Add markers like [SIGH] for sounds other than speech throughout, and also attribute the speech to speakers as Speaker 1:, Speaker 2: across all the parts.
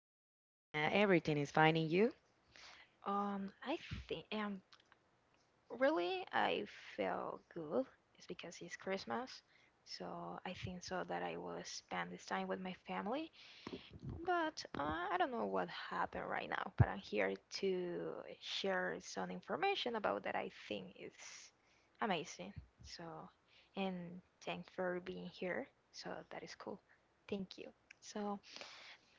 Speaker 1: Hello, Kenya. Everything is fine in you?
Speaker 2: I think really I feel good. It's because it's Christmas, so I think so that I will spend this time with my family. But I don't know what happened right now. But I'm here to share some information about that I think is amazing. So, and thanks for being here. So that is cool. Thank you. So.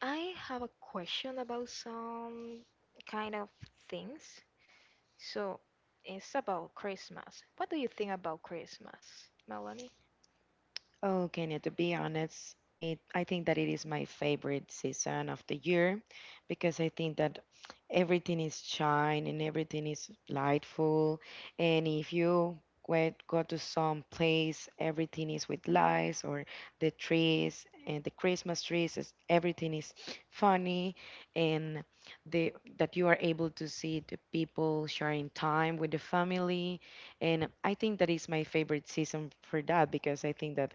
Speaker 2: I have a question about some kind of things. So it's about Christmas. What do you think about Christmas, Melanie?
Speaker 1: Oh, Kenya, to be honest, it I think that it is my favorite season of the year because I think that everything is shine and everything is lightful. And if you go to some place, everything is with lights or the trees and the Christmas trees, everything is funny and the that you are able to see the people sharing time with the family. And I think that is my favorite season for that because I think that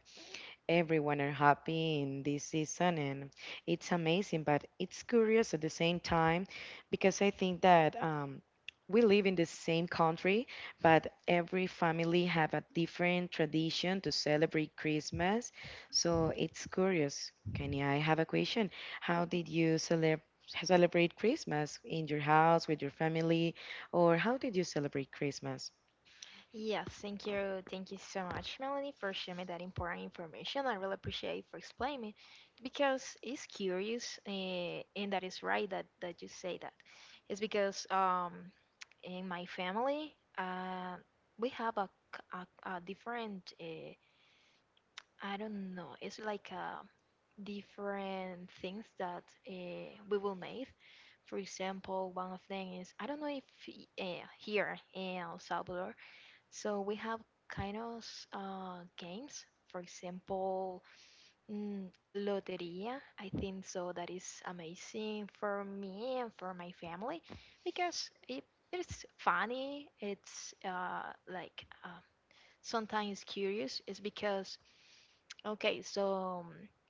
Speaker 1: everyone are happy in this season and it's amazing, but it's curious at the same time because I think that we live in the same country, but every family have a different tradition to celebrate Christmas. So it's curious, Kenny, I have a question. How did you celebrate Christmas in your house with your family, or how did you celebrate Christmas?
Speaker 2: Yes, thank you. Thank you so much, Melanie, for sharing me that important information. I really appreciate for explaining because it's curious, and that is right that you say that. It's because in my family, we have c- a different, I don't know, it's like a different things that we will make. For example, one of them is I don't know if here in El Salvador, so we have kind of games. For example, loteria. I think so. That is amazing for me and for my family because it's funny. It's like sometimes curious. It's because okay, so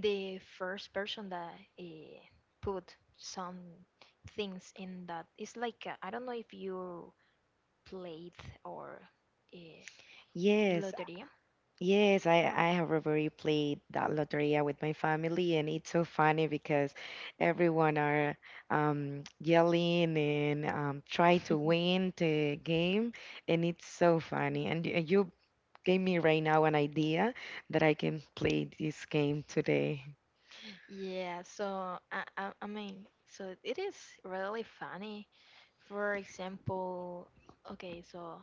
Speaker 2: the first person that uh, put some things in that it's like I don't know if you played or uh,
Speaker 1: Yes,
Speaker 2: lottery.
Speaker 1: yes, I have already played that loteria with my family, and it's so funny because everyone are yelling and try to
Speaker 2: [LAUGHS]
Speaker 1: win the game, and it's so funny. And you gave me right now an idea that I can play this game today.
Speaker 2: Yeah, so I mean, so it is really funny. For example, okay, so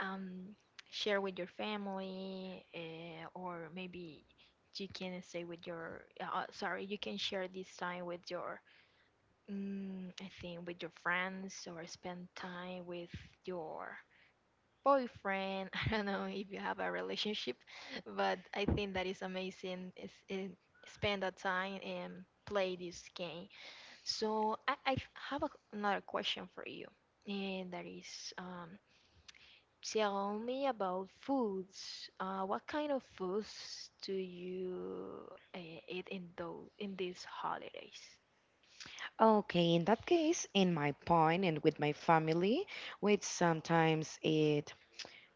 Speaker 2: um, share with your family, or maybe you can say with your sorry, you can share this time with your I think with your friends or spend time with your boyfriend. [LAUGHS] I don't know if you have a relationship, but I think that is amazing. Is spend that time and play this game. So I have another question for you, and that is tell me about foods. What kind of foods do you uh, eat in these holidays?
Speaker 1: Okay, in that case, in my point and with my family, which sometimes it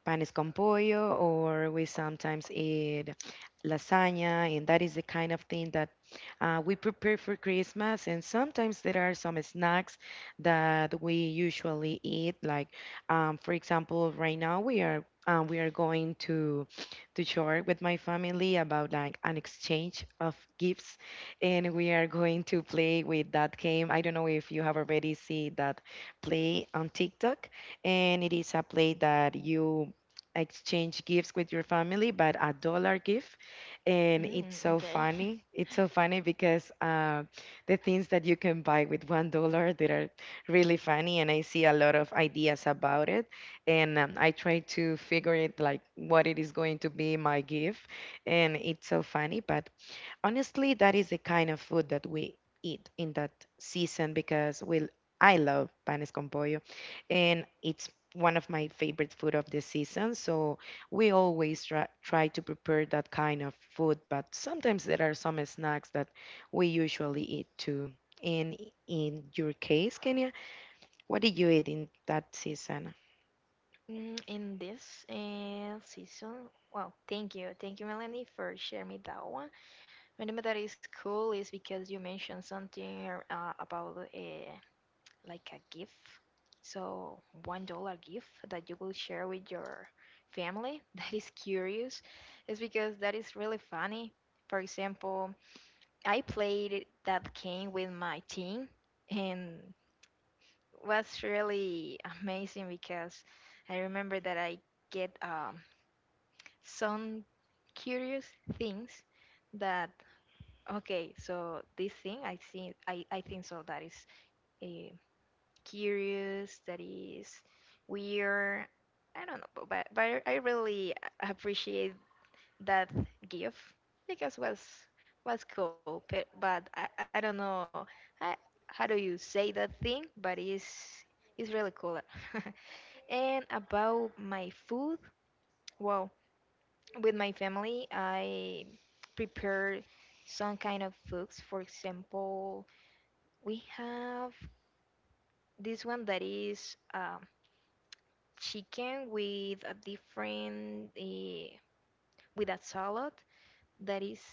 Speaker 1: panes con pollo, or we sometimes eat lasagna, and that is the kind of thing that we prepare for Christmas. And sometimes there are some snacks that we usually eat, like for example, right now we are going to share with my family about like an exchange of gifts, and we are going to play with that game. I don't know if you have already seen that play on TikTok, and it is a play that you exchange gifts with your family, but a dollar gift. And it's
Speaker 2: Mm,
Speaker 1: so
Speaker 2: okay. [LAUGHS]
Speaker 1: funny. It's so funny because the things that you can buy with $1 that are really funny, and I see a lot of ideas about it. And I try to figure it like what it is going to be my gift, and it's so funny. But honestly, that is the kind of food that we eat in that season because we I love panes con pollo, and it's one of my favorite food of the season. So we always try to prepare that kind of food, but sometimes there are some snacks that we usually eat too. And in your case, Kenya, what did you eat in that season?
Speaker 2: In this season, well, thank you, Melanie, for sharing me that one. Remember that is cool is because you mentioned something about like a gift, so $1 gift that you will share with your family. [LAUGHS] That is curious, is because that is really funny. For example, I played that game with my team, and was really [LAUGHS] amazing because I remember that I get some curious things that okay, so this thing I think so that is uh, curious, that is weird, I don't know but I really appreciate that gift because was cool, but I don't know, I, how do you say that thing, but it's really cool [LAUGHS] and about my food, wow, with my family, I prepare some kind of foods. For example, we have this one that is chicken with a different with a salad that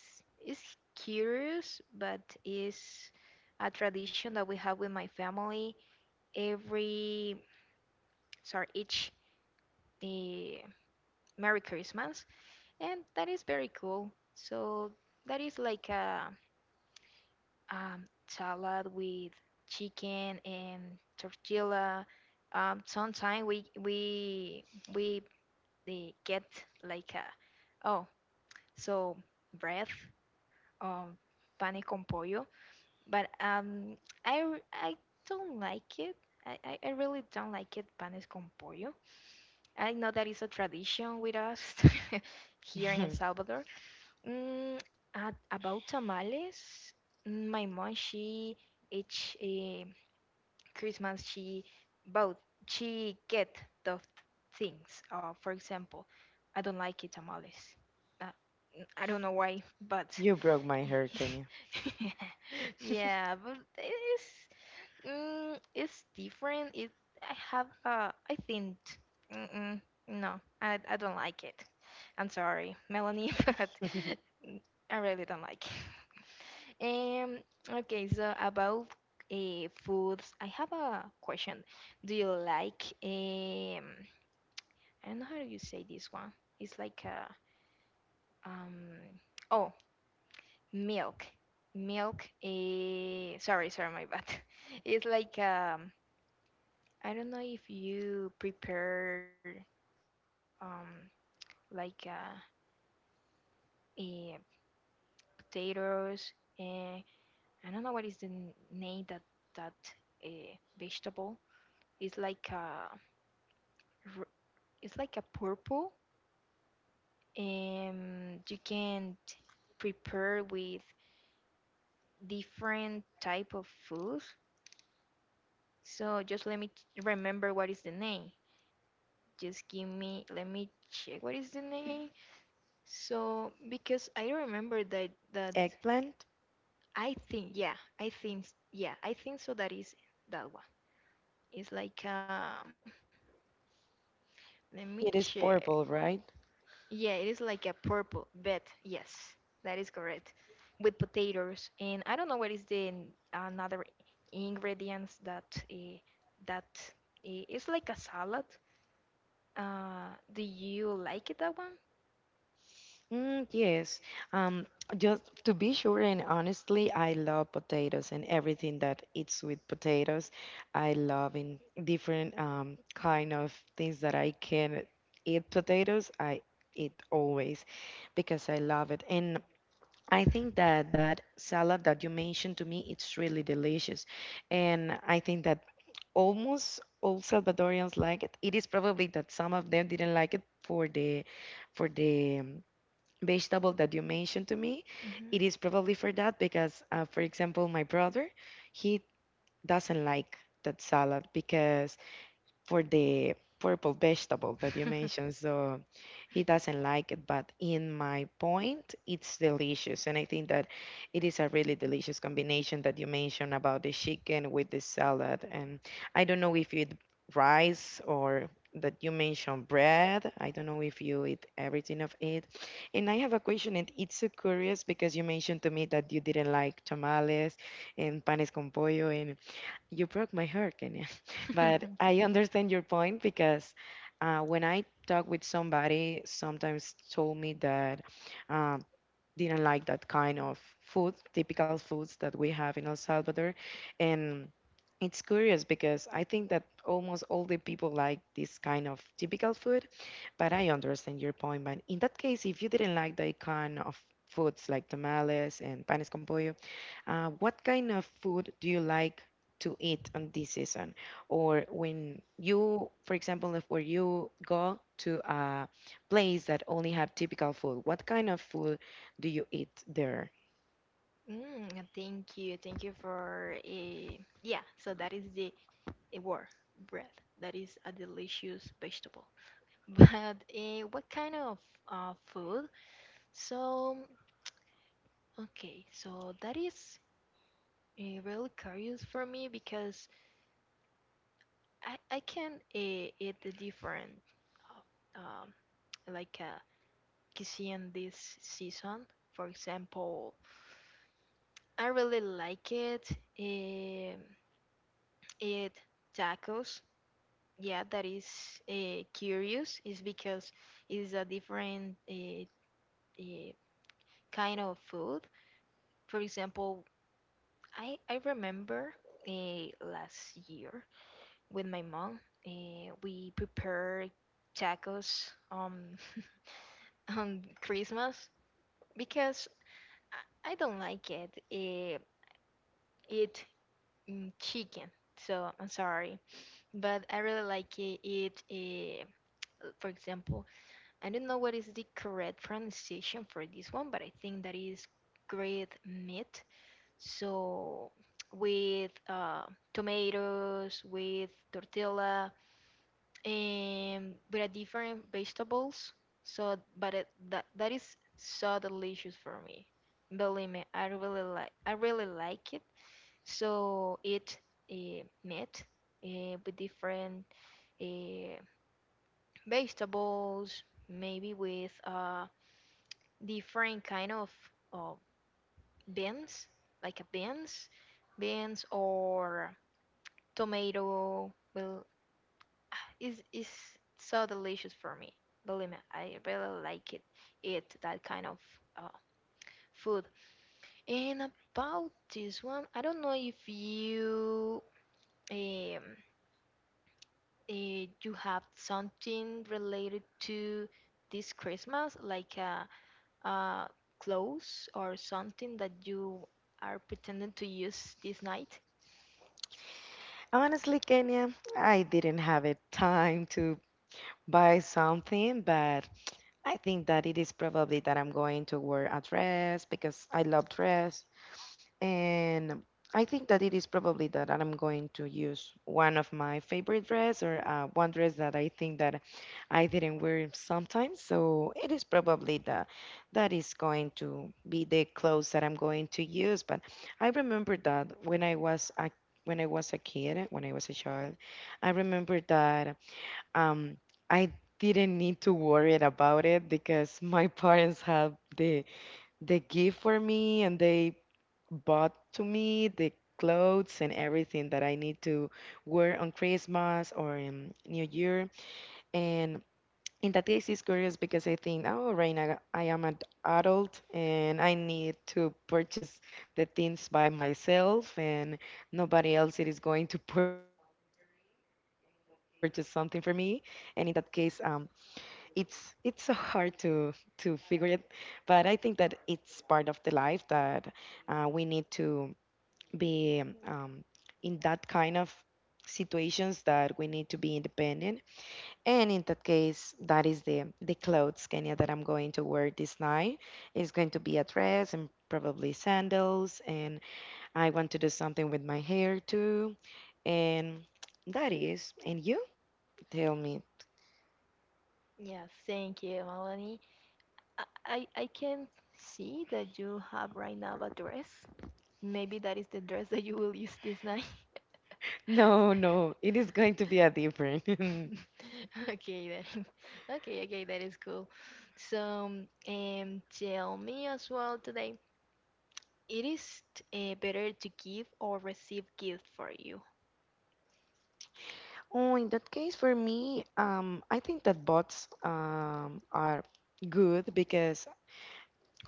Speaker 2: is curious, but is a tradition that we have with my family every, sorry, each uh, Merry Christmas, and that is very cool. So that is like a salad with chicken and tortilla. Sometimes we get like a, oh, so bread, um pane con pollo, but I I don't like it. I really don't like it panes con pollo. I know that is a tradition with us [LAUGHS] here in El
Speaker 1: [LAUGHS]
Speaker 2: Salvador. Mm, about tamales, my mom, she each Christmas, bought she get the things. For example, I don't like it tamales. Uh, I don't know why, but
Speaker 1: You broke my heart, Kenya.
Speaker 2: [LAUGHS] yeah, but it's different. It I have I think, mm-mm, no, I don't like it. I'm sorry, Melanie, [LAUGHS] but
Speaker 1: [LAUGHS]
Speaker 2: I really don't like it. Um, okay, so about foods, I have a question. Do you like I don't know how you say this one. It's like a um oh, milk, milk. Sorry, sorry, my bad. [LAUGHS] It's like I don't know if you prepare um like eh, potatoes. Uh, I don't know what is the name that uh, vegetable. It's like uh, r- it's like a purple and you can prepare with different type of food so just let me remember what is the name, just give me let me check what is the name, so because I remember that
Speaker 1: Eggplant?
Speaker 2: i think yeah i think yeah I think so that is that one, it's like, let me
Speaker 1: It is
Speaker 2: check.
Speaker 1: purple, right?
Speaker 2: Yeah, it is like a purple bed. Yes, that is correct. With potatoes, and I don't know what is the another ingredients that uh, that it's like a salad. Do you like it that one?
Speaker 1: Mm, yes. Um, just to be sure, and honestly, I love potatoes and everything that eats with potatoes. I love in different kind of things that I can eat potatoes. I eat always because I love it. And I think that that salad that you mentioned to me, it's really delicious. And I think that almost all Salvadorians like it. It is probably that some of them didn't like it for the vegetable that you mentioned to me. It is probably for that because, for example, my brother, he doesn't like that salad because for the purple vegetable that you
Speaker 2: Mhm.
Speaker 1: mentioned. So he doesn't like it, but in my point, it's delicious. And I think that it is a really delicious combination that you mentioned about the chicken with the salad. And I don't know if you eat rice or that you mentioned bread. I don't know if you eat everything of it. And I have a question, and it's so curious because you mentioned to me that you didn't like tamales and panes con pollo, and you broke my heart, Kenya. [LAUGHS] But
Speaker 2: [LAUGHS]
Speaker 1: I understand your point because when I talk with somebody, sometimes told me that um, didn't like that kind of food, typical foods that we have in El Salvador. And it's curious because I think that almost all the people like this kind of typical food, but I understand your point. But in that case, if you didn't like the kind of foods like tamales and panes con pollo, what kind of food do you like to eat on this season? Or when you, for example, if where you go to a place that only have typical food, what kind of food do you eat there?
Speaker 2: Mm, thank you for yeah. So that is the a war bread. That is a delicious vegetable. [LAUGHS] But what kind of food? So okay, so that is really curious for me because I can eat the different uh, um, like cuisine this season. For example, I really like it. Um, eat tacos. Yeah, that is curious. Is because it's a different uh, kind of food. For example, I remember last year with my mom. We prepare tacos [LAUGHS] on Christmas because I don't like it. Eat chicken, so I'm sorry, but I really like it. Eat, for example, I don't know what is the correct pronunciation for this one, but I think that is grilled meat. So with tomatoes, with tortilla, with a different vegetables. So, but that is so delicious for me. Believe me, I really like it. So it meat with different uh, vegetables, maybe with different kind of uh, beans, like a beans or tomato. Well, is so delicious for me. Believe me, I really like it. Eat that kind of uh, food. And about this one, I don't know if um you have something related to this Christmas, like a uh, uh, clothes or something that you are pretending to use this night.
Speaker 1: Honestly, Kenya, I didn't have a time to buy something, but I think that it is probably that I'm going to wear a dress because I love dress. And I think that it is probably that I'm going to use one of my favorite dress or one dress that I think that I didn't wear sometimes. So it is probably the that is going to be the clothes that I'm going to use. But I remember that when I was a kid, when I was a child, I remember that um, I didn't need to worry about it because my [LAUGHS] parents had the gift for me and they bought to me the clothes and everything that I need to wear on Christmas or in New Year. And in that case, it's curious because I think, oh, right now I am an adult and I need to purchase the things by myself, and nobody else it is going to [LAUGHS] purchase something for me. And in that case, it's so hard to figure it, but I think that it's part of the life that we need to be um, in that kind of situations that we need to be independent. And in that case, that is the clothes, Kenya, that I'm going to wear this night. It's going to be a dress and probably sandals, and I want to do something with my hair too. And that is, and you tell me. [LAUGHS]
Speaker 2: Yeah, thank you, Melanie. I can see that you have right now a dress. Maybe that is the dress that you will use this night.
Speaker 1: No, no, it
Speaker 2: [LAUGHS]
Speaker 1: is going to be a different. [LAUGHS]
Speaker 2: Okay, then. [LAUGHS] Okay, okay, that is cool. So, tell me as well, today, it is better to give or receive gift for you?
Speaker 1: Oh, in that case, for me, I think that bots are good because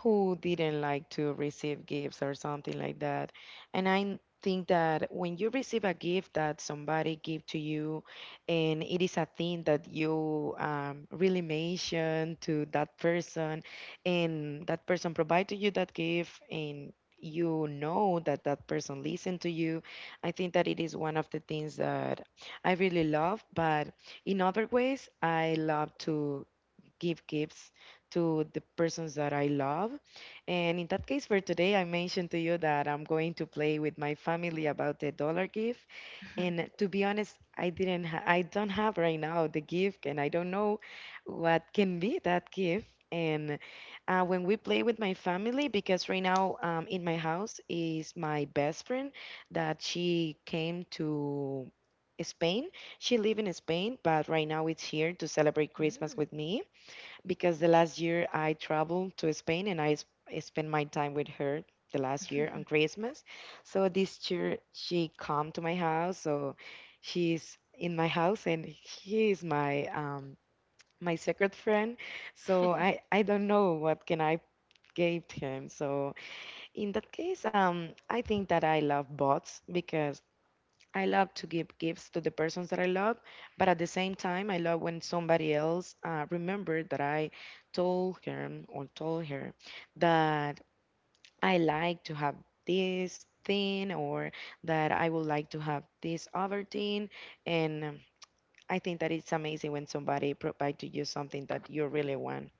Speaker 1: who didn't like to receive gifts or something like that. And I think that when you receive a gift that somebody give to you and it is a thing that you really mention to that person, and that person provide to you that gift and you know that that person listened to you. I think that it is one of the things that I really love, but in other ways I love to give gifts to the persons that I love. And in that case, for today, I mentioned to you that I'm going to play with my family about the dollar gift.
Speaker 2: [LAUGHS]
Speaker 1: And to be honest, I didn't, ha- I don't have right now the gift, and I don't know what can be that gift. And when we play with my family, because right now in my house is my best friend that she came to Spain. She live in Spain, but right now it's here to celebrate Christmas
Speaker 2: Mm.
Speaker 1: with me because the last year I traveled to Spain and I spent my time with her the last year on Christmas. So this year she come to my house, so she's in my house and he is my my secret friend. So I
Speaker 2: [LAUGHS]
Speaker 1: I don't know what can I give him. So in that case, I think that I love bots because I love to give gifts to the persons that I love, but at the same time, I love when somebody else remembered that I told him or told her that I like to have this thing or that I would like to have this other thing. And I think that it's amazing when somebody provides to you something that you really want.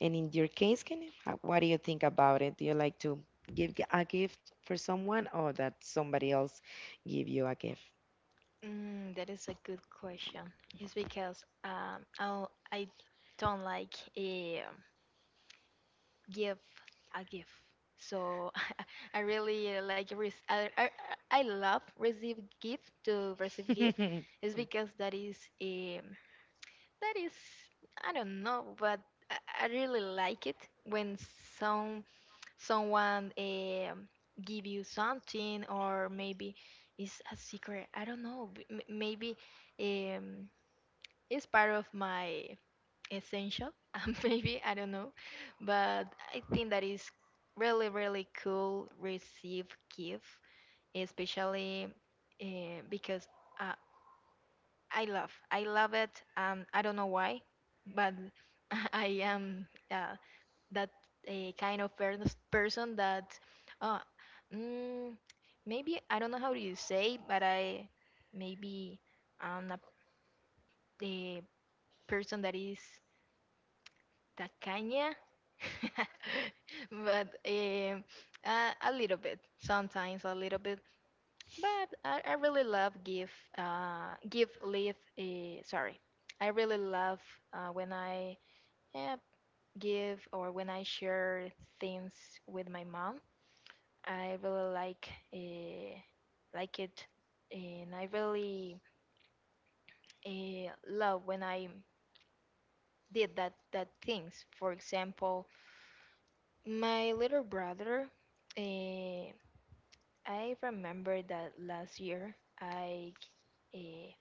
Speaker 1: And in your case, what do you think about it? Do you like to give a gift for someone or that somebody else give you a gift?
Speaker 2: That is a good question. It's because I don't like it, give a gift. So [LAUGHS] I really I love receive gift to receive gift
Speaker 1: [LAUGHS]
Speaker 2: is because that is that is I don't know, but I really like it when some someone give you something, or maybe it's a secret, I don't know, maybe um it's part of my essential [LAUGHS] maybe I don't know, but I think that is really really cool receive gift, especially because uh, I love it, I don't know why, but [LAUGHS] I am that a kind of person that uh, mm, maybe I don't know how do you say, but I maybe I'm a person that is tacaña, [LAUGHS] but a little bit, sometimes a little bit. But I really love give leave. Sorry, I really love when I uh, give or when I share things with my mom. I really like it, and I really love when I did that things. For example, my little brother, eh, I remember that last year uh,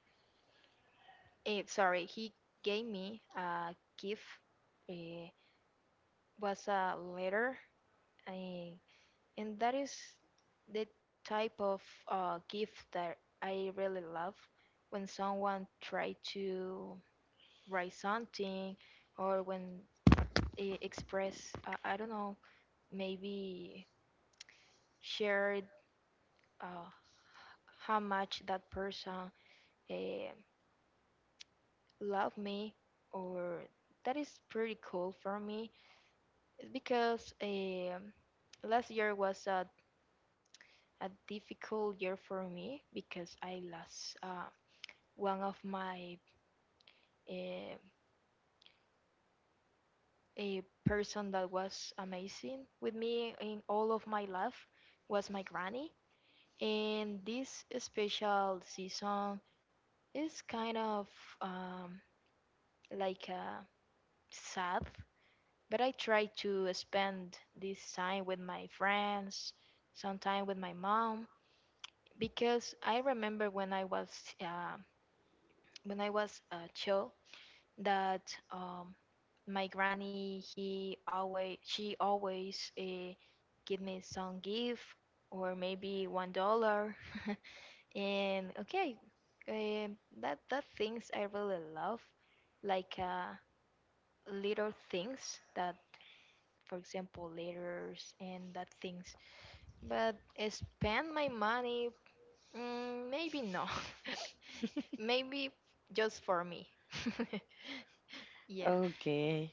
Speaker 2: sorry, he gave me a gift. It was a letter, eh, and that is the type of gift that I really love. When someone try to write something, or when they express, I don't know, maybe share uh, how much that person uh, loved me, or that is pretty cool for me. It's because last year was a difficult year for me because I lost one of my uh, a person that was amazing with me in all of my life was my granny, and this special season is kind of um, like a sad. But I try to spend this time with my friends, some time with my mom, because I remember uh, when I was a child, that um, my granny, he always she always give me some gift or maybe $1, [LAUGHS] and okay, um that things I really love, like little things that, for example, letters and that things. But spend my money? Mm, maybe no. [LAUGHS] Maybe just for me. [LAUGHS] Yeah.
Speaker 1: Okay.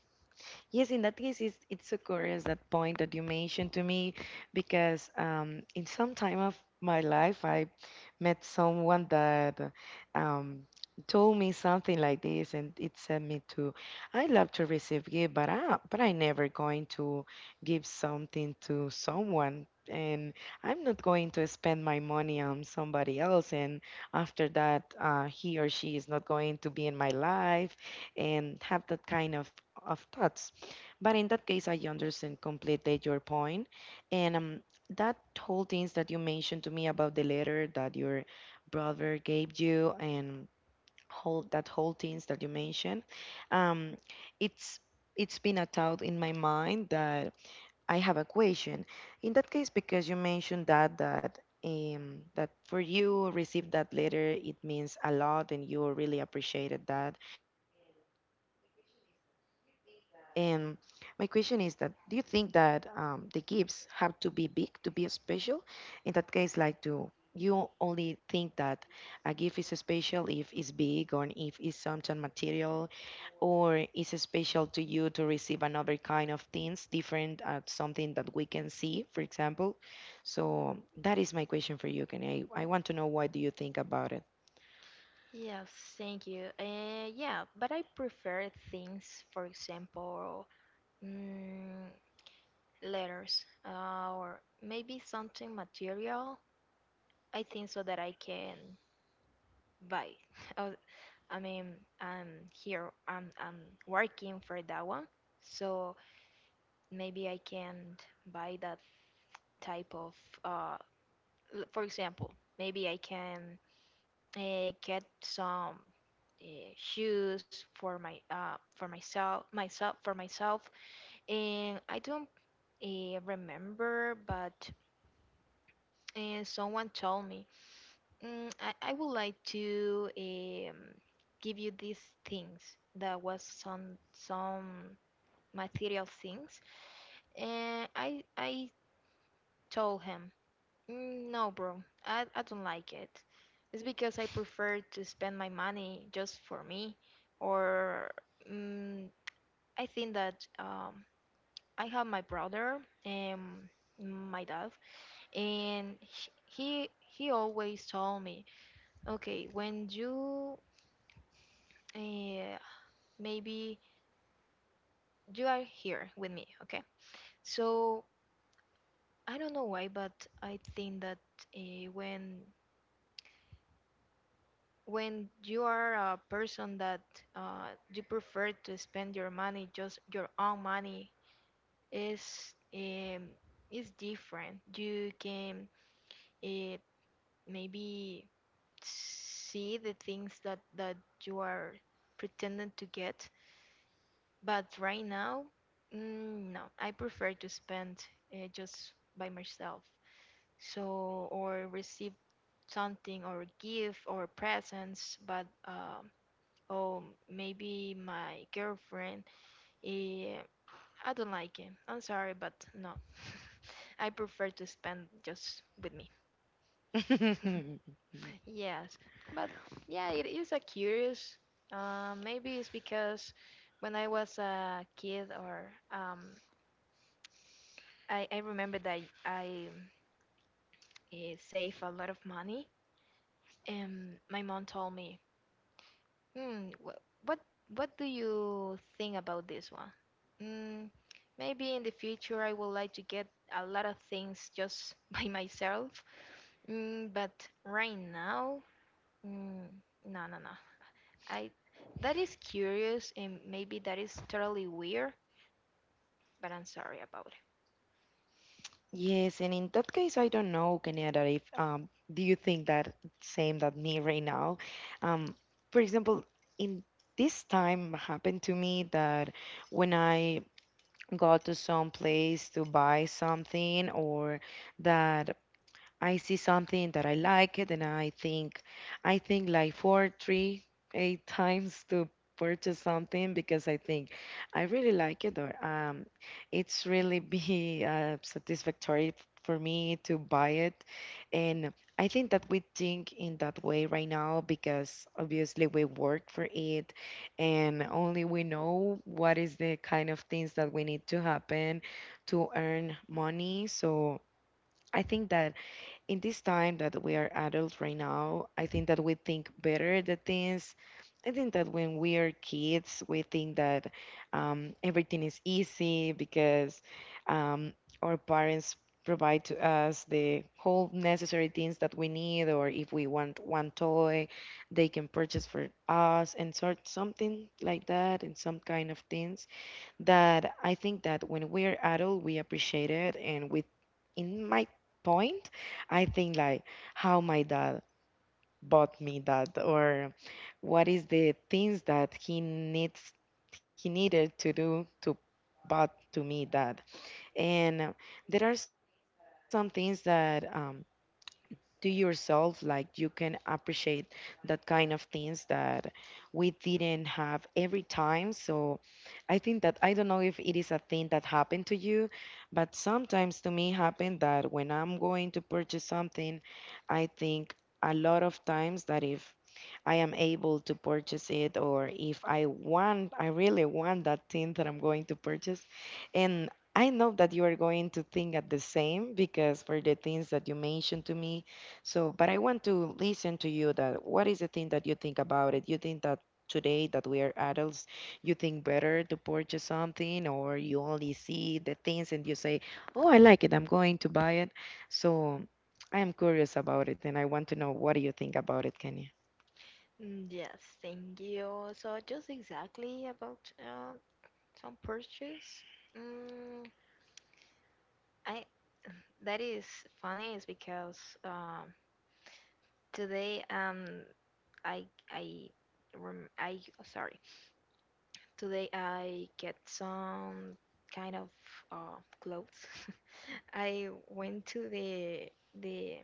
Speaker 1: Yes, in that case, it's so curious that point that you mentioned to me because in some time of my life, I met someone that um, told me something like this, and it sent me to, I love to receive gift, but but I never going to give something to someone. And I'm not going to spend my money on somebody else. And after that, he or she is not going to be in my life and have that kind of thoughts. But in that case, I understand completely your point. And that whole things that you mentioned to me about the letter that your brother gave you and whole that whole things that you mentioned, um, it's it's been a thought in my mind that I have a question. In that case, because you mentioned that for you receive that letter, it means a lot, and you really appreciated that. And my question is that do you think that the gifts have to be big to be special? In that case, like do you only think that a gift is special if it's big or if it's something material, or is it special to you to receive another kind of things different at something that we can see, for example? So that is my question for you, Kenny. I want to know, what do you think about
Speaker 2: Yes, thank you. Yeah, but I prefer things, for example, mm, letters, or maybe something material. I think so that I can buy. [LAUGHS] Oh, I mean, I'm here, I'm working for that one. So maybe I can buy that type of uh, for example, maybe I can get some uh, shoes for my for myself, and I don't remember, but someone told me I would like to give you these things that was some material things, and I told him, no, bro. I don't like it. It's because I prefer to spend my money just for me, or mm, I think that I have my brother and my dad, and he always told me, okay, when you uh, maybe you are here with me, okay? So I don't know why, but I think that uh, when when you are a person that you prefer to spend your money just your own money is um, is different. You can uh, maybe see the things that you are pretending to get. But right now, no, I prefer to spend just by myself, so or receive something or give or presents, but oh, maybe my girlfriend. Eh, I don't like it. I'm sorry, but no. [LAUGHS] I prefer to spend just with me. [LAUGHS]
Speaker 1: it? [LAUGHS]
Speaker 2: Yes, but yeah, it is a curious. Maybe it's because when I was a kid, or um, I remember that I saved a lot of money, and my mom told me, Hmm. What do you think about this one? Mm, Maybe in the future I would like to get a lot of things just [LAUGHS] by myself. But right now, mm, no, no, no. I that is curious and maybe that is totally weird, but I'm sorry about it.
Speaker 1: Yes, and in that case, I don't know, Canada, if do you think that same that me right now? Um, for example, in this time happened to me that when I go to some place to buy something or that I see something that I like it, and I think like four, three, eight [LAUGHS] times to purchase something, because I think I really like it, or it's really [LAUGHS] be satisfactory for me to buy it. And I think that we think in that way right now, because obviously we work for it, and only we know what is the kind of things that we need to happen to earn money. So I think that in this time that we are adults right now, I think that we think better the things. I think that when we are kids, we think that everything is easy, because um, our parents provide to us the whole necessary things that we need, or if we want one toy, they can purchase for us and sort something like that, and some kind of things that I think that when we're adult, we appreciate it. And with, in my point, I think like how my dad bought me that, or what is the things that he needs, he needed to do to bought to me that. And there are some things that to yourself, like, you can appreciate that kind of things that we didn't have every time. So I think that I don't know if it is a thing that happened to you, but sometimes to me happened that when I'm going to purchase something, I think a lot of times that if I am able to purchase it, or if I want, I really want that thing that I'm going to purchase. And I know that you are going to think at the same, because for the things that you mentioned to me. So, but I want to listen to you that what is the thing that you think about it? You think that today that we are adults, you think better to purchase something, or you only see the things and you say, "Oh, I like it, I'm going to buy it"? So I am curious about it, and I want to know, what do you think about it, Kenya?
Speaker 2: Mm, yes, thank you. So just exactly about some purchase. Mm, I that is funny is because um, today, I I rem I sorry. Today I get some kind of clothes. [LAUGHS] I went to the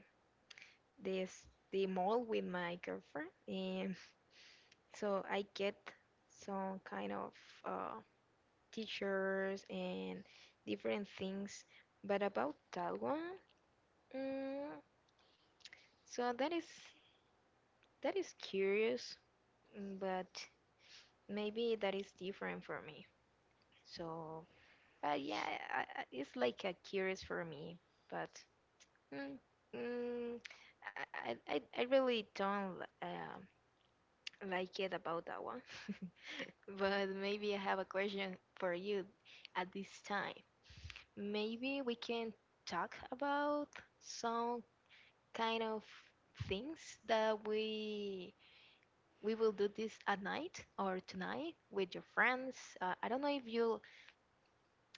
Speaker 2: this the mall with my girlfriend, and so I get some kind of uh t-shirts and different things. But about that one, mm, so that is curious, but maybe that is different for me. So, but yeah, it's like a curious for me. But mm, mm, I really don't uh, like it about that one. [LAUGHS] But maybe I have a question for you at this time. Maybe we can talk about some kind of things that we will do this at night or tonight with your friends. I don't know if you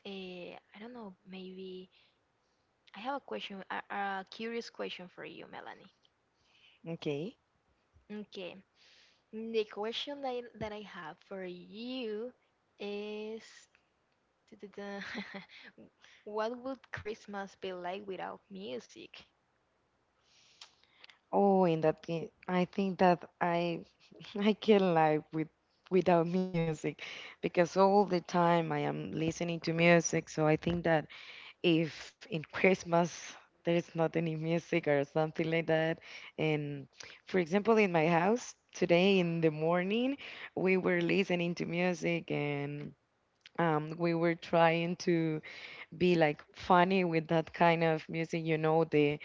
Speaker 2: I don't know, maybe I have a question, a curious question for you, Melanie.
Speaker 1: Okay.
Speaker 2: Okay. The question that I have for you is [LAUGHS] what would Christmas be like without music?
Speaker 1: Oh, in that case, I think that I [LAUGHS] I can live with without music, because all the time I am listening to music. So I think that if in [LAUGHS] Christmas there is not any music or something like that, and for example, in my house today in the morning, we were listening to music, and we were trying to be like funny with that kind of music, the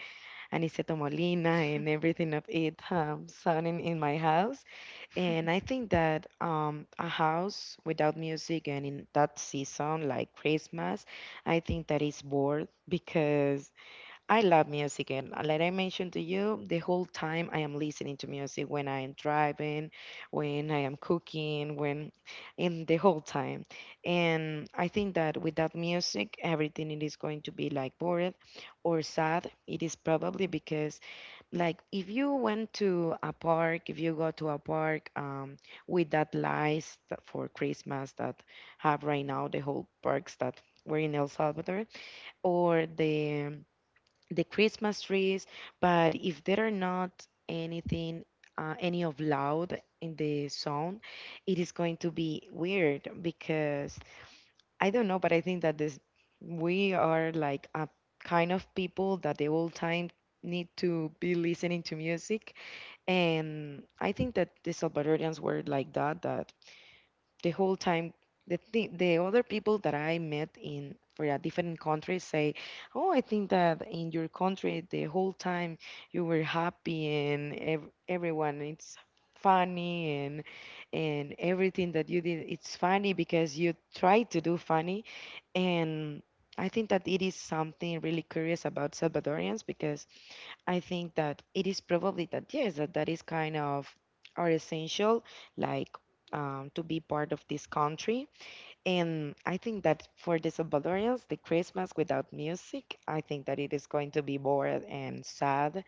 Speaker 1: Aniceto Molina and everything of it sounding in my house.
Speaker 2: [LAUGHS]
Speaker 1: And I think that a house without music and in that season, like Christmas, I think that is bored, because I love music, and like I mentioned to you, the whole time I am listening to music, when I am driving, when I am cooking, when in the whole time. And I think that without music, everything it is going to be like boring or sad. It is probably because, like, if you went to a park, if you go to a park with that lights that for Christmas that have right now the whole parks that were in El Salvador, or the Christmas trees, but if there are not anything, any of loud in the sound, it is going to be weird, because I don't know, but I think that this we are like a kind of people that the whole time need to be listening to music, and I think that the Salvadorians were like that. That the whole time the other people that I met in for a different country say, "Oh, I think that in your country the whole time you were happy, and everyone it's funny, and everything that you did it's funny, because you try to do funny." And I think that it is something really curious about Salvadorians, because I think that it is probably that yes, that is kind of are essential, like, to be part of this country. And I think that for the Salvadorians, the Christmas without music, I think that it is going to be bored and sad.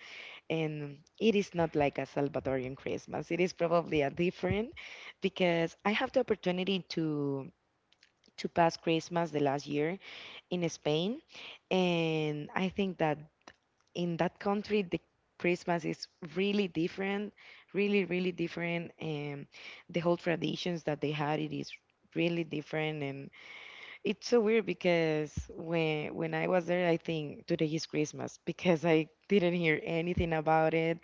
Speaker 1: And it is not like a Salvadorian Christmas. It is probably a different, because I have the opportunity to pass Christmas the last year in Spain, and I think that in that country the Christmas is really different, really really different, and the whole traditions that they had it is really different, and it's so weird, because when I was there, I think today is Christmas, because I didn't hear anything about it.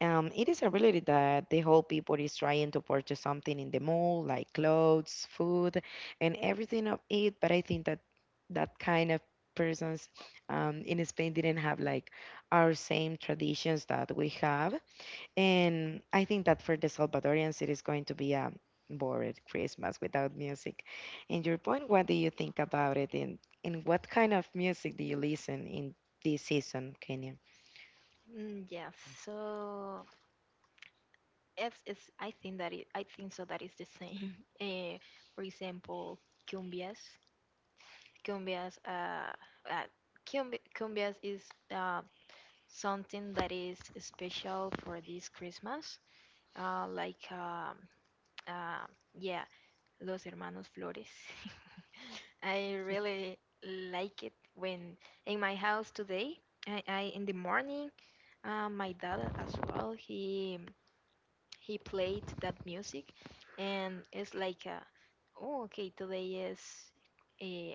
Speaker 1: It is a reality that the whole people is trying to purchase something in the mall, like clothes, food, and everything of it. But I think that that kind of persons in Spain didn't have like our same traditions that we have. And I think that for the Salvadorians, it is going to be a boring Christmas without music. And your point, what do you think about it? And what kind of music do you listen in this season, Kenya?
Speaker 2: Mm, yes. So it's I think that it, I think so that is the same. [LAUGHS] For example, cumbias. Cumbias uh cumbias is something that is special for this Christmas. Like uh, yeah, Los Hermanos Flores. [LAUGHS] I really like it when in my house today. I in the morning, my dad as well. He played that music, and it's like oh, okay, today is uh,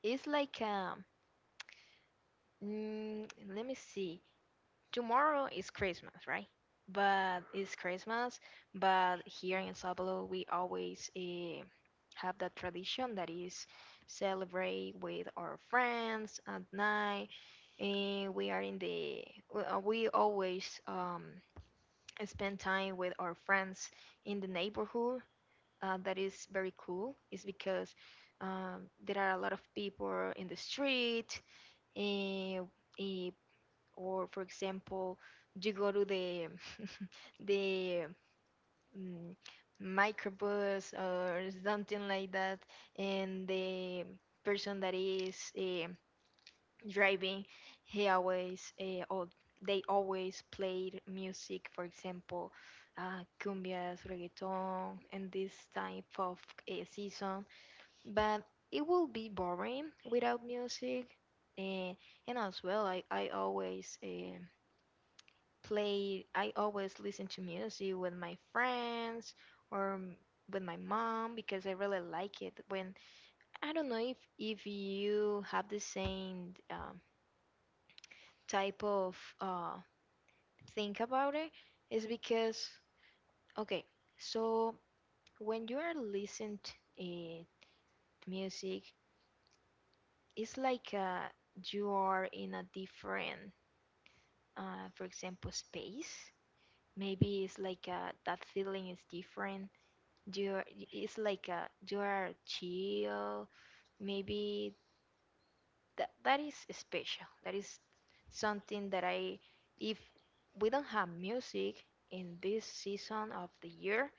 Speaker 2: it's like mm, let me see, tomorrow is Christmas, right? But it's Christmas, but here in Sao we always have that tradition that is celebrate with our friends at night. And we are in the, we always spend time with our friends in the neighborhood. That is very cool. It's because there are a lot of people in the street, and eh, or for example you go to the [LAUGHS] the mm, microbus or something like that, and the person that is driving, he always or they always played music, for example, cumbias, reggaeton, and this type of season, but it will be boring without music. eh, and as well, I always play, I always listen to music with my friends or with my mom because I really like it. When I don't know if you have the same type of think about it, is because okay, so when you are listening to music, it's like you are in a different for example space, maybe it's like that feeling is different, you are- it's like a you are chill, maybe that is special, that is something that I, if we don't have music in this season of the year,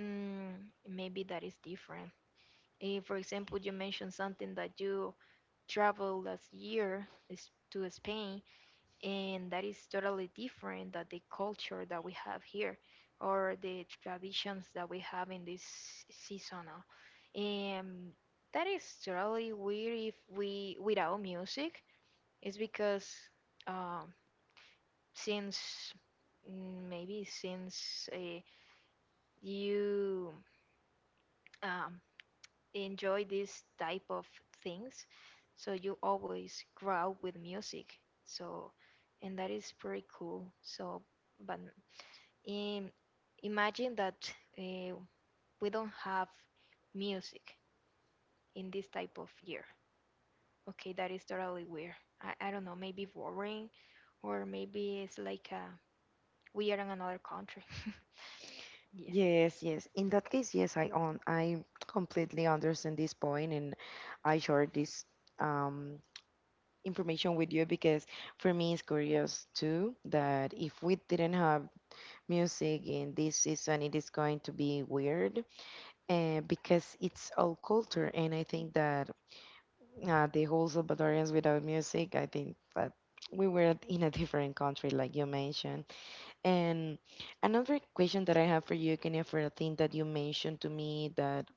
Speaker 2: mm, maybe that is different. If for example you mentioned something that you traveled last year is to Spain, and that is totally different than the culture that we have here or the traditions that we have in this seasonal, and that is totally weird if we without music. It's because um, since maybe since you um, enjoy this type of things, so you always grow up with music, so, and that is pretty cool, so but Um, imagine that uh, we don't have music in this type of year. Okay, that is totally weird. I don't know, maybe boring, or maybe it's like we are in another country. [LAUGHS] yeah.
Speaker 1: Yes, yes. In that case, yes, I completely understand this point, and I share this um information with you, because for me it's curious too that if we didn't have music in this season, it is going to be weird, because it's all culture. And I think that the whole Salvadorians without music, I think that we were in a different country, like you mentioned. And another question that I have for you, Kenya, for a thing that you mentioned to me, that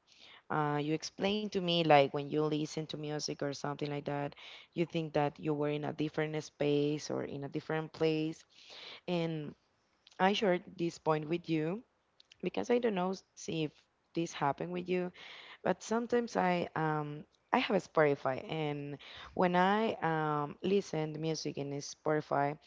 Speaker 1: you explained to me, like, when you listen to music or something like that, you think that you were in a different space or in a different place. And I shared this point with you, because I don't know, see if this happened with you, but sometimes I have a Spotify, and when I listen to music in Spotify,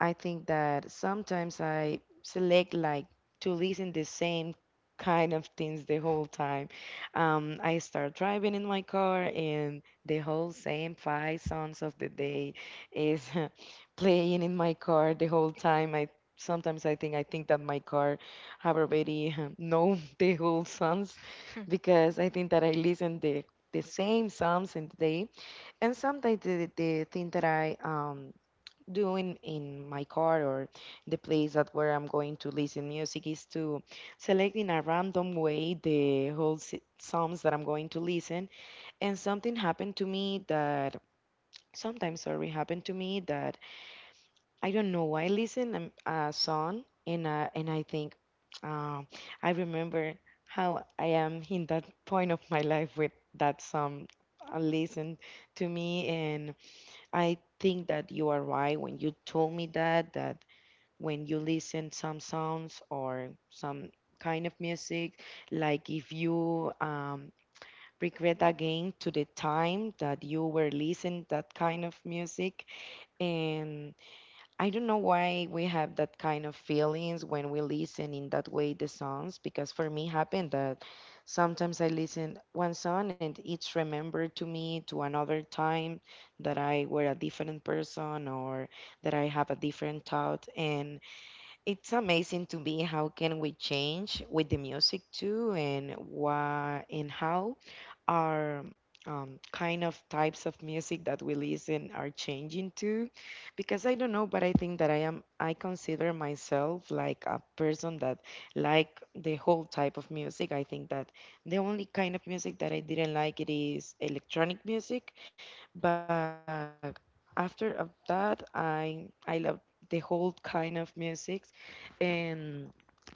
Speaker 1: I think that sometimes I select like to listen the same kind of things the whole time. I start driving in my car, and the whole same five songs of the day is [LAUGHS] playing in my car the whole time. I sometimes I think that my car have already [LAUGHS] know the whole songs,
Speaker 2: [LAUGHS]
Speaker 1: because I think that I listen the same songs in the day. And sometimes the thing that I doing in my car, or the place that where I'm going to listen music, is to select in a random way the whole songs that I'm going to listen. And something happened to me that sometimes, sorry, happened to me that I don't know why I listen a song, and I think, uh, I remember how I am in that point of my life with that song. Listen to me, and I think that you are right when you told me that that when you listen some sounds or some kind of music, like, if you regret again to the time that you were listening that kind of music. And I don't know why we have that kind of feelings when we listen in that way the songs, because for me happened that sometimes I listen one song, and it's remembered to me to another time that I were a different person, or that I have a different thought. And it's amazing to me how can we change with the music too, and why and how our kind of types of music that we listen are changing too. Because I don't know, but I think that I consider myself like a person that like the whole type of music. I think that the only kind of music that I didn't like it is electronic music, but after of that, I love the whole kind of music, and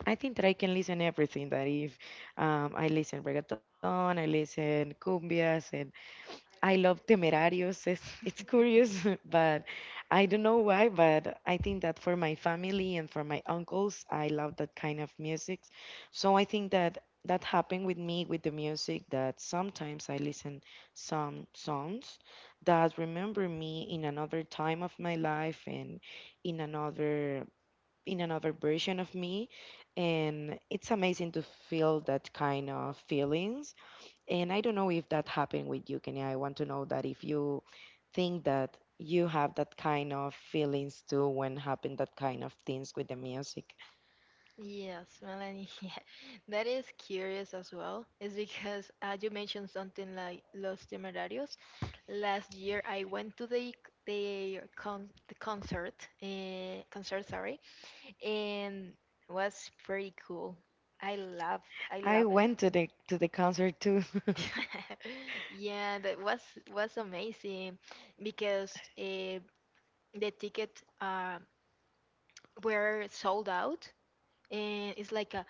Speaker 1: I think that I can listen everything. That if I listen reggaeton, I listen cumbias, and I love Temerarios. It's curious, [LAUGHS] but I don't know why. But I think that for my family and for my uncles, I love that kind of music. So I think that that happened with me with the music. That sometimes I listen some songs that remember me in another time of my life and in another version of me, and it's amazing to feel that kind of feelings. And I don't know if that happened with you, Kenya. I want to know that if you think that you have that kind of feelings too, when happen that kind of things with the music.
Speaker 2: Yes, Melanie, [LAUGHS] yeah. That is curious as well. Is because you mentioned something like Los Temerarios. Last year, I went to the con the concert, concert, sorry, and was pretty cool. I love I
Speaker 1: I
Speaker 2: love it.
Speaker 1: went to the concert too.
Speaker 2: [LAUGHS] Yeah, that was amazing because the ticket were sold out, and it's like a,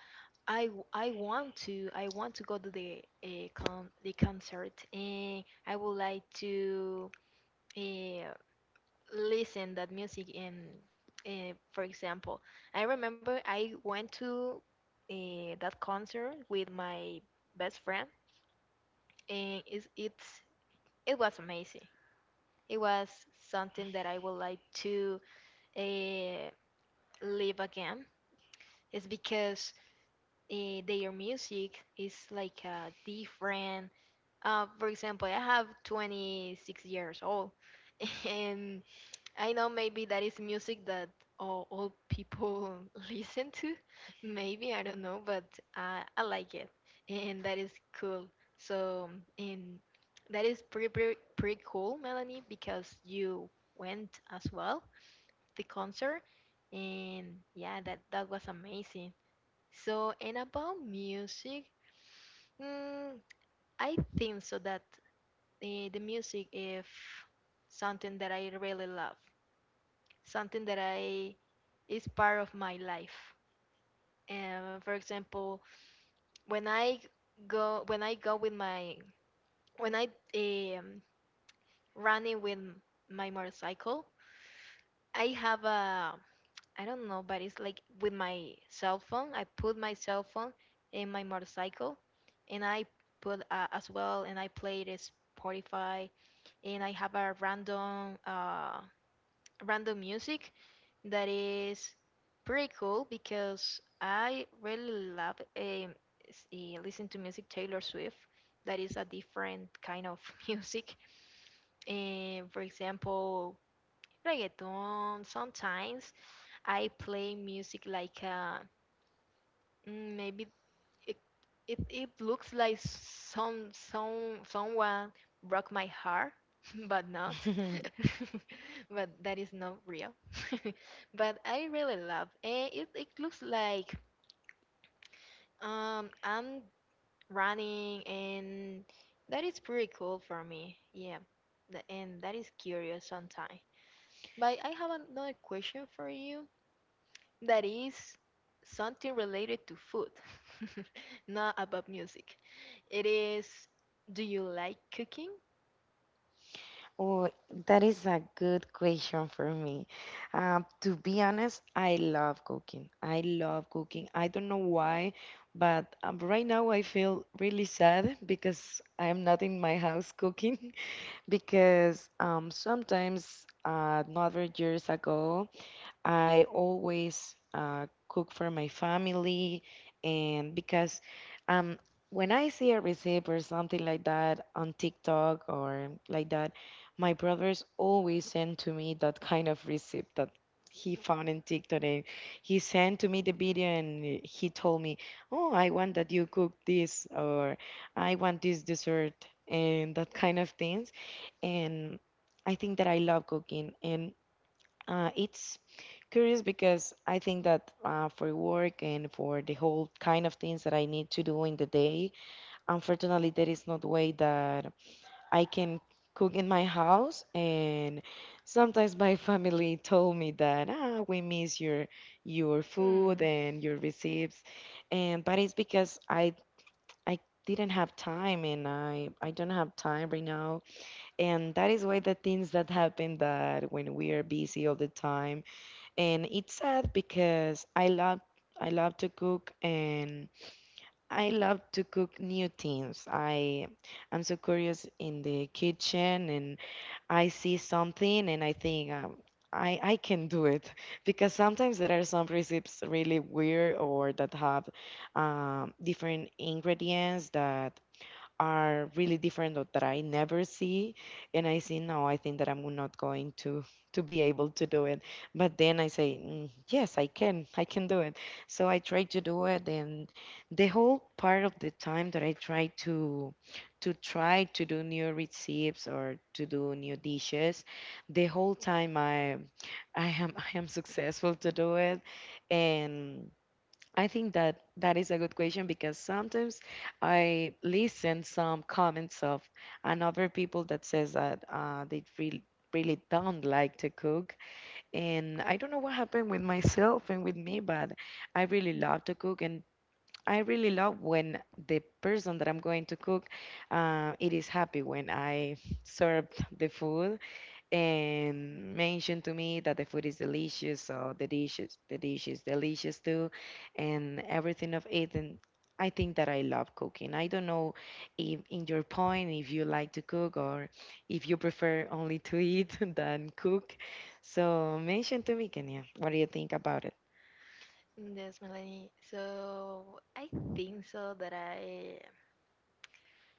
Speaker 2: I want to go to the concert, and I would like to. eh, Listen that music in, for example, I remember I went to that concert with my best friend, and it was amazing. It was something that I would like to uh, live again. It's because their music is like a different. For example, I have 26 years old, [LAUGHS] and I know maybe that is music that all people [LAUGHS] listen to. Maybe, I don't know, but I like it. And that is cool. So, and that is pretty, pretty, pretty cool, Melanie, because you went as well, the concert. And yeah, that, that was amazing. So, and about music, mm, I think so that the music is something that I really love, something that I is part of my life. For example, when I when I go with my when I um, running with my motorcycle, I have a I don't know, but it's like with my cell phone. I put my cell phone in my motorcycle, and I put as well, and I play this Spotify, and I have a random random music that is pretty cool because I really love listen to music, Taylor Swift. That is a different kind of [LAUGHS] music. And for example, reggaeton. Sometimes I play music like maybe it it looks like someone broke my heart, [LAUGHS] but not. [LAUGHS]
Speaker 1: [LAUGHS]
Speaker 2: But that is not real. [LAUGHS] But I really love, and it looks like I'm running, and that is pretty cool for me. Yeah. And that is curious sometimes. But I have another question for you, that is something related to food, [LAUGHS] not about music. It is, do you like cooking?
Speaker 1: Oh, that is a good question for me. To be honest, I love cooking. I love cooking. I don't know why, but right now I feel really sad because I am not in my house cooking. [LAUGHS] Because sometimes, not very years ago, I always cook for my family. And because um, when I see a recipe or something like that on TikTok or like that, my brothers always send to me that kind of recipe that he found in TikTok. And he sent to me the video, and he told me, "Oh, I want that you cook this," or "I want this dessert," and that kind of things. And I think that I love cooking, and it's curious because I think that for work and for the whole kind of things that I need to do in the day, unfortunately, there is not way that I can cook in my house. And sometimes my [LAUGHS] family told me that we miss your food
Speaker 2: Hmm.
Speaker 1: and your receipts. And but it's because I didn't have time and I don't have time right now, and that is why the things that happen, that when we are busy all the time. And it's sad because I love to cook, and I love to cook new things. I'm so curious in the kitchen, and I see something and I think, I can do it. [LAUGHS] Because sometimes there are some recipes really weird, or that have different ingredients that are really different, or that I never see. And I say, no, I think that I'm not going to be able to do it. But then I say, "Mm, yes, I can do it." So I try to do it, and the whole part of the time that I try to try to do new recipes or to do new dishes, the whole time I am [LAUGHS] I am successful to do it. And I think that that is a good question, because sometimes I listen some comments of another people that says that they really really don't like to cook, and I don't know what happened with myself and with me, but I really love to cook. And I really love when the person that I'm going to cook it is happy when I served the food and mentioned to me that the food is delicious, so the dish is delicious too, and everything of it. And I think that I love cooking. I don't know if in your point if you like to cook or if you prefer only to eat [LAUGHS] than cook. So mention to me, Kenya, what do you think about it?
Speaker 2: Yes, Melanie. So I think so that I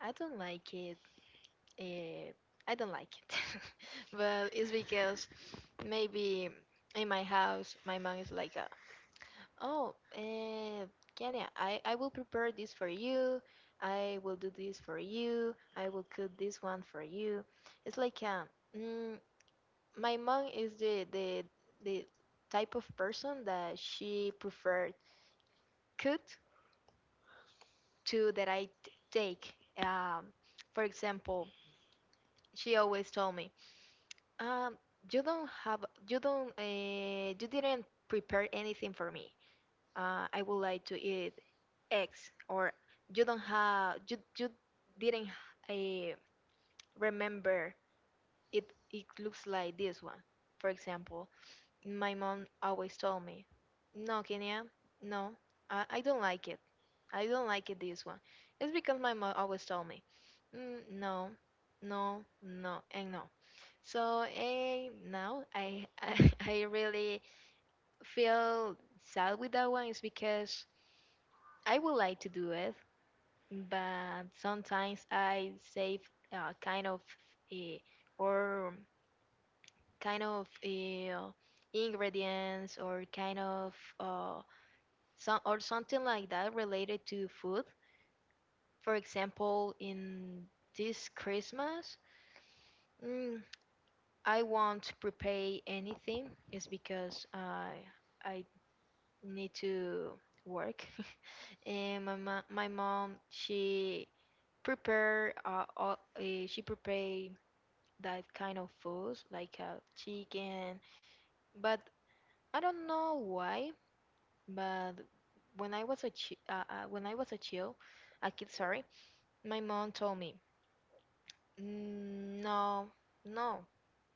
Speaker 2: I don't like it. Uh, I don't like it, [LAUGHS] but it's because maybe in my house my mom is like, oh, Kenya, I will prepare this for you. I will do this for you. I will cook this one for you. It's like mm, my mom is the, the type of person that she preferred cook to that I t take. For example, she always told me, um, you don't have, you don't, you didn't prepare anything for me. I would like to eat, ex or you don't have you you didn't uh, remember, it looks like this one. For example, my mom always told me, no, Kenya, no, I, I don't like it, I don't like it this one. It's because my mom always told me mm, no, no, no and no, so now I, [LAUGHS] I really feel sad with that one is because I would like to do it, but sometimes I save kind of uh, or kind of ingredients or kind of some or something like that related to food. For example, in this Christmas, mm, I won't prepare anything. It's because I need to work, [LAUGHS] and my my mom prepare uh, uh, she prepare that kind of food, like chicken. But I don't know why. But when I was when I was a child, a kid, sorry, my mom told me, "Mm, no, no,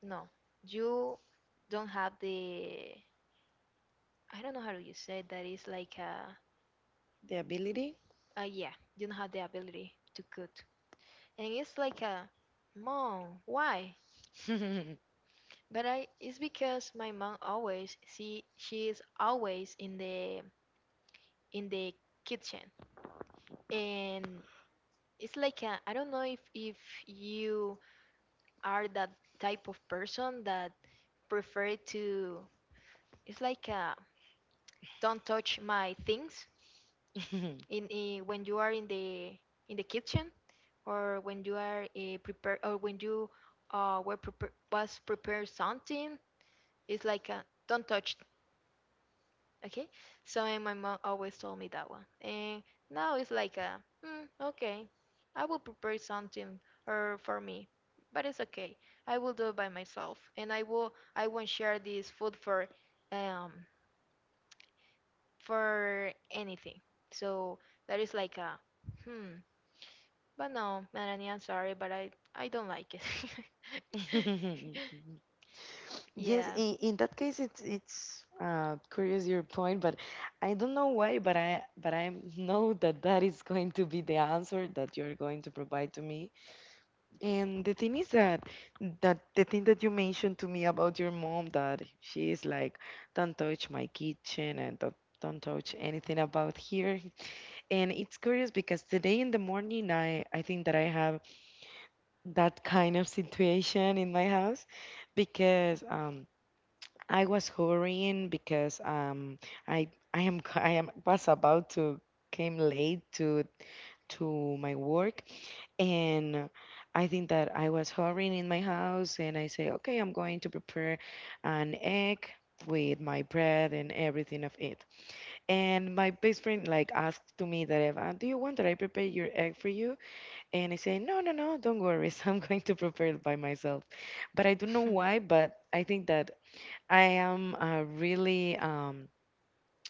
Speaker 2: no, you don't have the. I don't know how do you say that is like a,
Speaker 1: The ability?
Speaker 2: uh, yeah, you don't have the ability to cook, and it's like a, mom, why? But I it's because my mom always see she is always in the kitchen and it's like a, I don't know if you are that type of person that prefer to it's like a, don't touch my things in when you are in the kitchen or when you are prepare or when you were prepare, was prepare something it's like a, don't touch. Okay, so and my mom always told me that one, and now it's like a, mm, okay, I will prepare something or for me, but it's okay. I will do it by myself, and I will I won't share this food um, for anything. So that is like a, hmm. But no, Melanie, I'm sorry, but I don't like it. [LAUGHS]
Speaker 1: [LAUGHS] Yes,
Speaker 2: Yeah.
Speaker 1: in that case, it's curious your point, but I don't know why, but I know that that is going to be the answer that you're going to provide to me. And the thing is that the thing that you mentioned to me about your mom, that she is like, don't touch my kitchen, and don't touch anything about here. And it's curious, because today in the morning, I think that I have that kind of situation in my house, because I was hurrying, because I am [LAUGHS] I am was about to came late to my work. And I think that I was hurrying in my house, and I say, okay, I'm going to prepare an egg with my bread and everything of it. And my best friend like asked to me that if do you want that I prepare your egg for you? And I say, no, no, no, don't worry. [LAUGHS] I'm going to prepare it by myself. But I don't know why, but I think that I am really, um,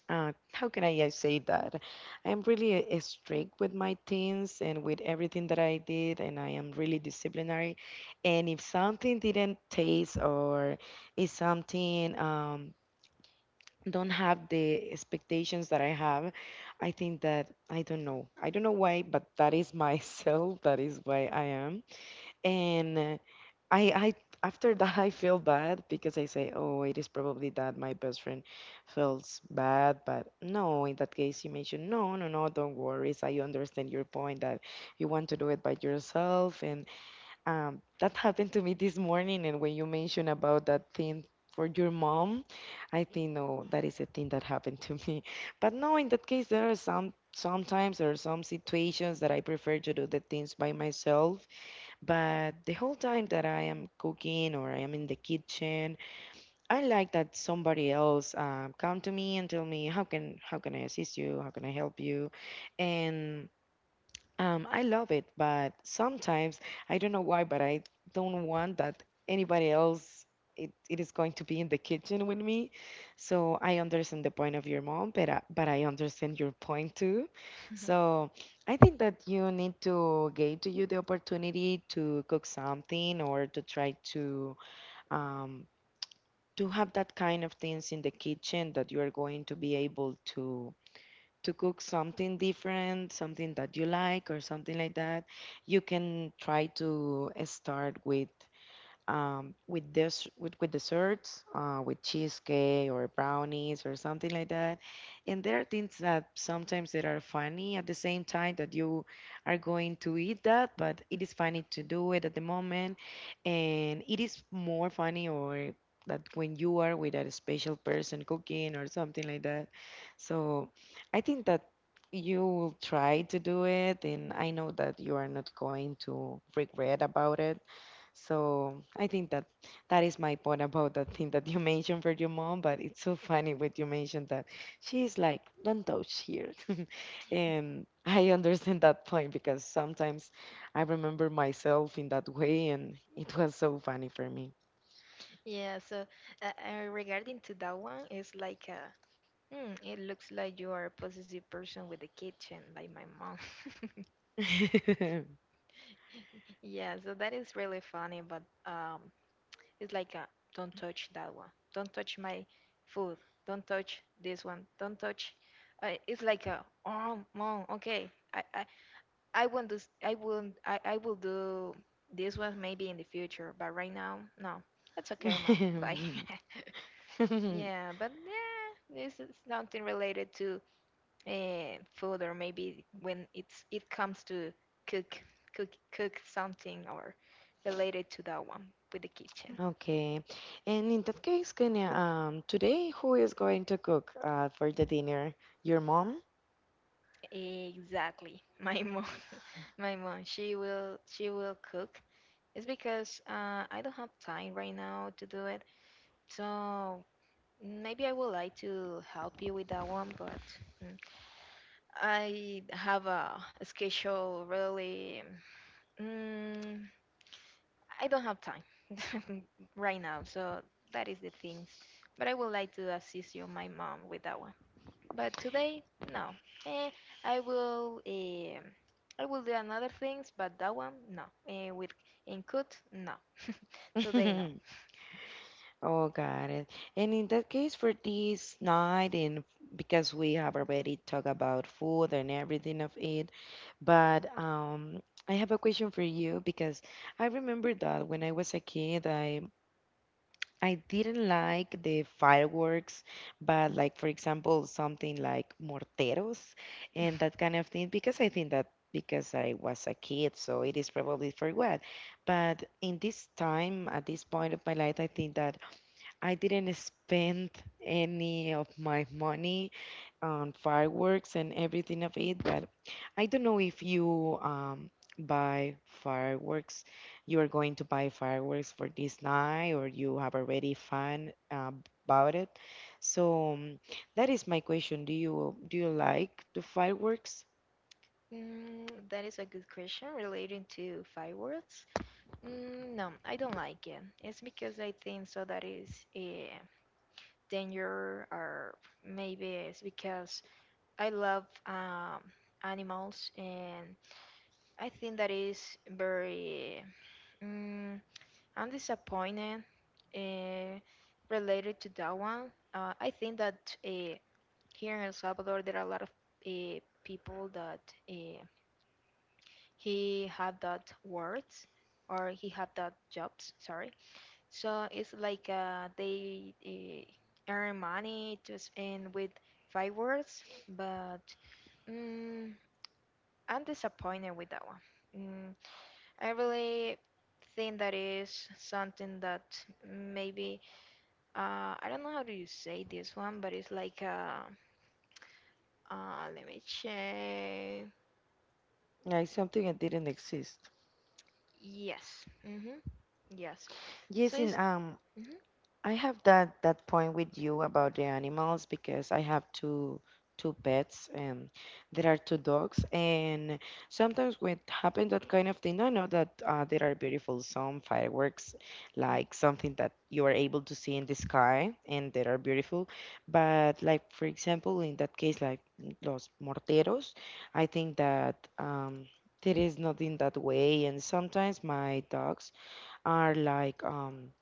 Speaker 1: uh, how can I say that? I am really strict with my teens and with everything that I did, and I am really disciplinary. And if something didn't taste, or if something don't have the expectations that I have, I think that I don't know. I don't know why, but that is myself. [LAUGHS] That is why I am. And I after [LAUGHS] that I feel bad, because I say, oh, it is probably that my best friend feels bad. But no, in that case you mentioned, no, no, no, don't worry. I understand your point that you want to do it by yourself. And that happened to me this morning. And when you mentioned about that thing for your mom, I think, no, that is a thing that happened to me. [LAUGHS] But no, in that case there are some. Sometimes there are some situations that I prefer to do the things by myself. But the whole time that I am cooking, or I am in the kitchen, I like that somebody else come to me and tell me, how can I assist you, how can I help you? And I love it. But sometimes I don't know why, but I don't want that anybody else it, it is going to be in the kitchen with me. So I understand the point of your mom, but I understand your point too.
Speaker 2: [LAUGHS]
Speaker 1: So I think that you need to give to you the opportunity to cook something, or to try to um, have that kind of things in the kitchen, that you are going to be able to cook something different, something that you like, or something like that. You can try to start with with desserts, with cheesecake or brownies or something like that. And there are things that sometimes that are funny at the same time that you are going to eat that. But it is funny to do it at the moment, and it is more funny or that when you are with a special person cooking or something like that. So I think that you will try to do it, and I know that you are not going to regret about it. So I think that that is my point about the thing that you [LAUGHS] mentioned for your mom. But it's so funny when you mentioned that she's like, don't touch here. [LAUGHS] And I understand that point, because sometimes I remember myself in that way, and it was so funny for me.
Speaker 2: Yeah, so regarding to that one, it's like hmm, it looks like you are a possessive person with the kitchen, like my mom. [LAUGHS]
Speaker 1: [LAUGHS]
Speaker 2: Yeah, so that is really funny, but it's like a don't touch that one, don't touch my food, don't touch this one, don't touch. It's like a oh mom, okay, I won't do I won't I will do this one maybe in the future, but right now no, it's okay, mom. Bye. [LAUGHS] Yeah, but yeah, this is something related to food or maybe when it comes to cook something or related to that one with the kitchen
Speaker 1: Okay. And in that case, Kenya, today who is going to cook for the dinner? Your mom?
Speaker 2: exactly my mom. [LAUGHS] My mom she will cook it's because I don't have time right now to do it, so maybe I would like to help you with that one, but mm, I have a schedule, really. Mm, I don't have time [LAUGHS] right now, so that is the things. But I would like to assist you, my mom, with that one. But today, no. Eh, I will. Eh, I will do another things, but that one, no. Eh, with input, no. [LAUGHS] Today, no.
Speaker 1: [LAUGHS] Oh, got it. And in that case, for this night, and because we have already talked about food and everything of it, but I have a question for you, because I remember that when I was a kid, I didn't like the fireworks. But like for example, something like morteros and that kind of thing, because I think that because I was a kid, so it is probably for what. But in this time, at this point of my life, I think that, I didn't spend any of my money on fireworks and everything of it. But I don't know if you buy fireworks, you are going to buy fireworks for this night, or you have already fun about it. So that is my question. Do you like the fireworks?
Speaker 2: Mm, that is a good question relating to fireworks. Mm, no, I don't like it. It's because I think so that is a danger, or maybe it's because I love animals, and I think that is very. Mm, I'm disappointed uh, related to that one. I think that here in El Salvador there are a lot of people that uh, he have that words or he have that jobs. Sorry, so it's like they earn money just and with fireworks, but. Mm, I'm disappointed with that one. Mm, I really think that is something that maybe I don't know how do you say this one, but it's like let me check.
Speaker 1: Like something that didn't exist.
Speaker 2: Yes. Mm-hmm. Yes. So
Speaker 1: Yes, in
Speaker 2: it's hmm,
Speaker 1: I have that point with you about the animals, because I have two pets, and there are two dogs. And sometimes when it happen that kind of thing, I know that there are beautiful some fireworks, like something that you are able to see in the sky, and they are beautiful. But like for example in that case, like los morteros, I think that there is nothing that way. And sometimes my dogs are like um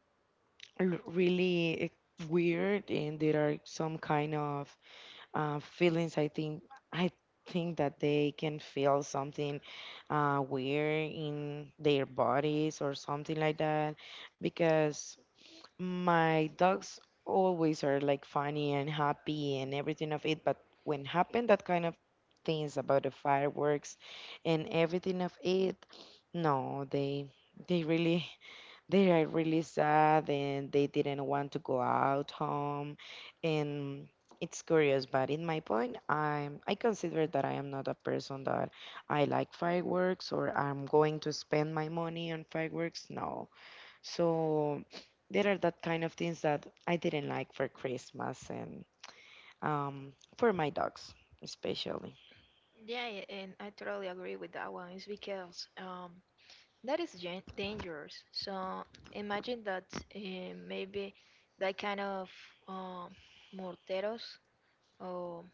Speaker 1: l- really weird, and there are some kind of feelings. I think i that they can feel something weird in their bodies or something like that. Because my dogs always are like funny and happy and everything of it. But when happen that kind of things about the fireworks and everything of it, no, they they really they are really sad, and they didn't want to go out home. And it's curious, but in my point, I consider that I am not a person that I like fireworks, or I'm going to spend my money on fireworks. No. So there are that kind of things that I didn't like for Christmas, and for my dogs especially.
Speaker 2: yeah, yeah, and I totally agree with that one. It's because that is dangerous. So imagine that maybe that kind of um, morteros or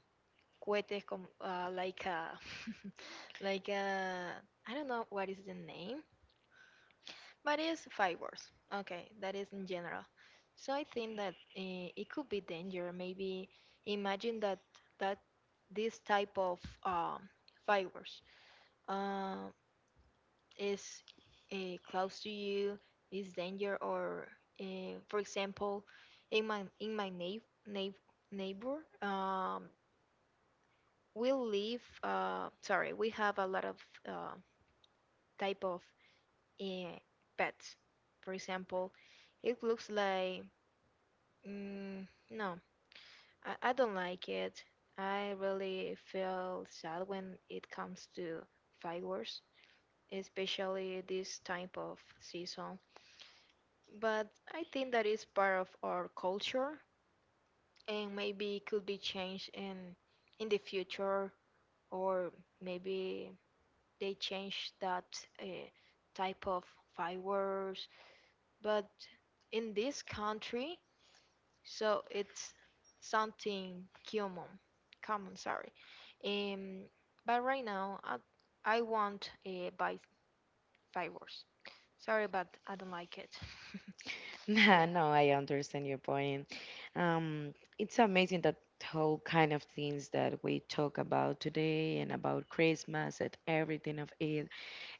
Speaker 2: cohetes com like a [LAUGHS] like a I don't know what is the name, but it's fireworks. Okay, that is in general. So I think that it could be danger. Maybe imagine that that this type of fireworks uh, is close to you, is danger, or for example, in my neighbor, we live sorry we have a lot of uh, type of uh, pets, for example, it looks like mm, no, I don't like it. I really feel sad when it comes to fireworks, especially this type of season, but I think that is part of our culture and maybe could be changed in the future, or maybe they change that uh, type of fireworks, but in this country so it's something common, sorry, um but right now I want buy fireworks, sorry, but I don't like it.
Speaker 1: [LAUGHS]
Speaker 2: [LAUGHS] Yeah.
Speaker 1: No, I understand your point. Um, it's amazing that whole kind of things that we talk about today and about Christmas and everything of it.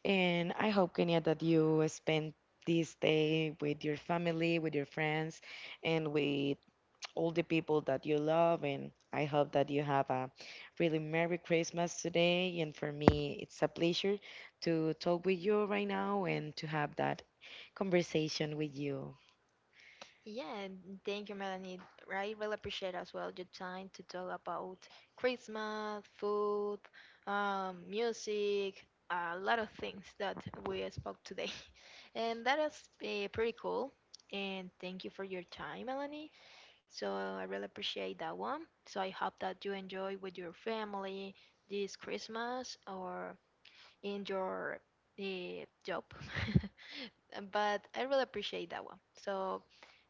Speaker 1: And I hope, Kenya, that you spend this day with your family, with your friends, and with all the people that you love. And I hope that you have a really Merry Christmas today. And for me, it's a pleasure to talk with you right now and to have that conversation with you.
Speaker 2: Yeah, and thank you, Melanie. I really appreciate as well your time to talk about Christmas, food, music, a lot of things that we spoke today. [LAUGHS] And that is pretty cool. And thank you for your time, Melanie. So I really appreciate that one. So I hope that you enjoy with your family this Christmas or in your job. [LAUGHS] But I really appreciate that one. So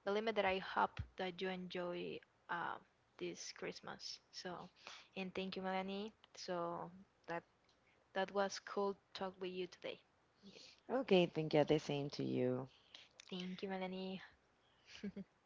Speaker 2: the limit that I hope that you enjoy um, this Christmas. So and thank you, Melanie. So that that was cool talk with you today. Yeah.
Speaker 1: Okay, thank you. The same to you.
Speaker 2: Thank you, Melanie. [LAUGHS]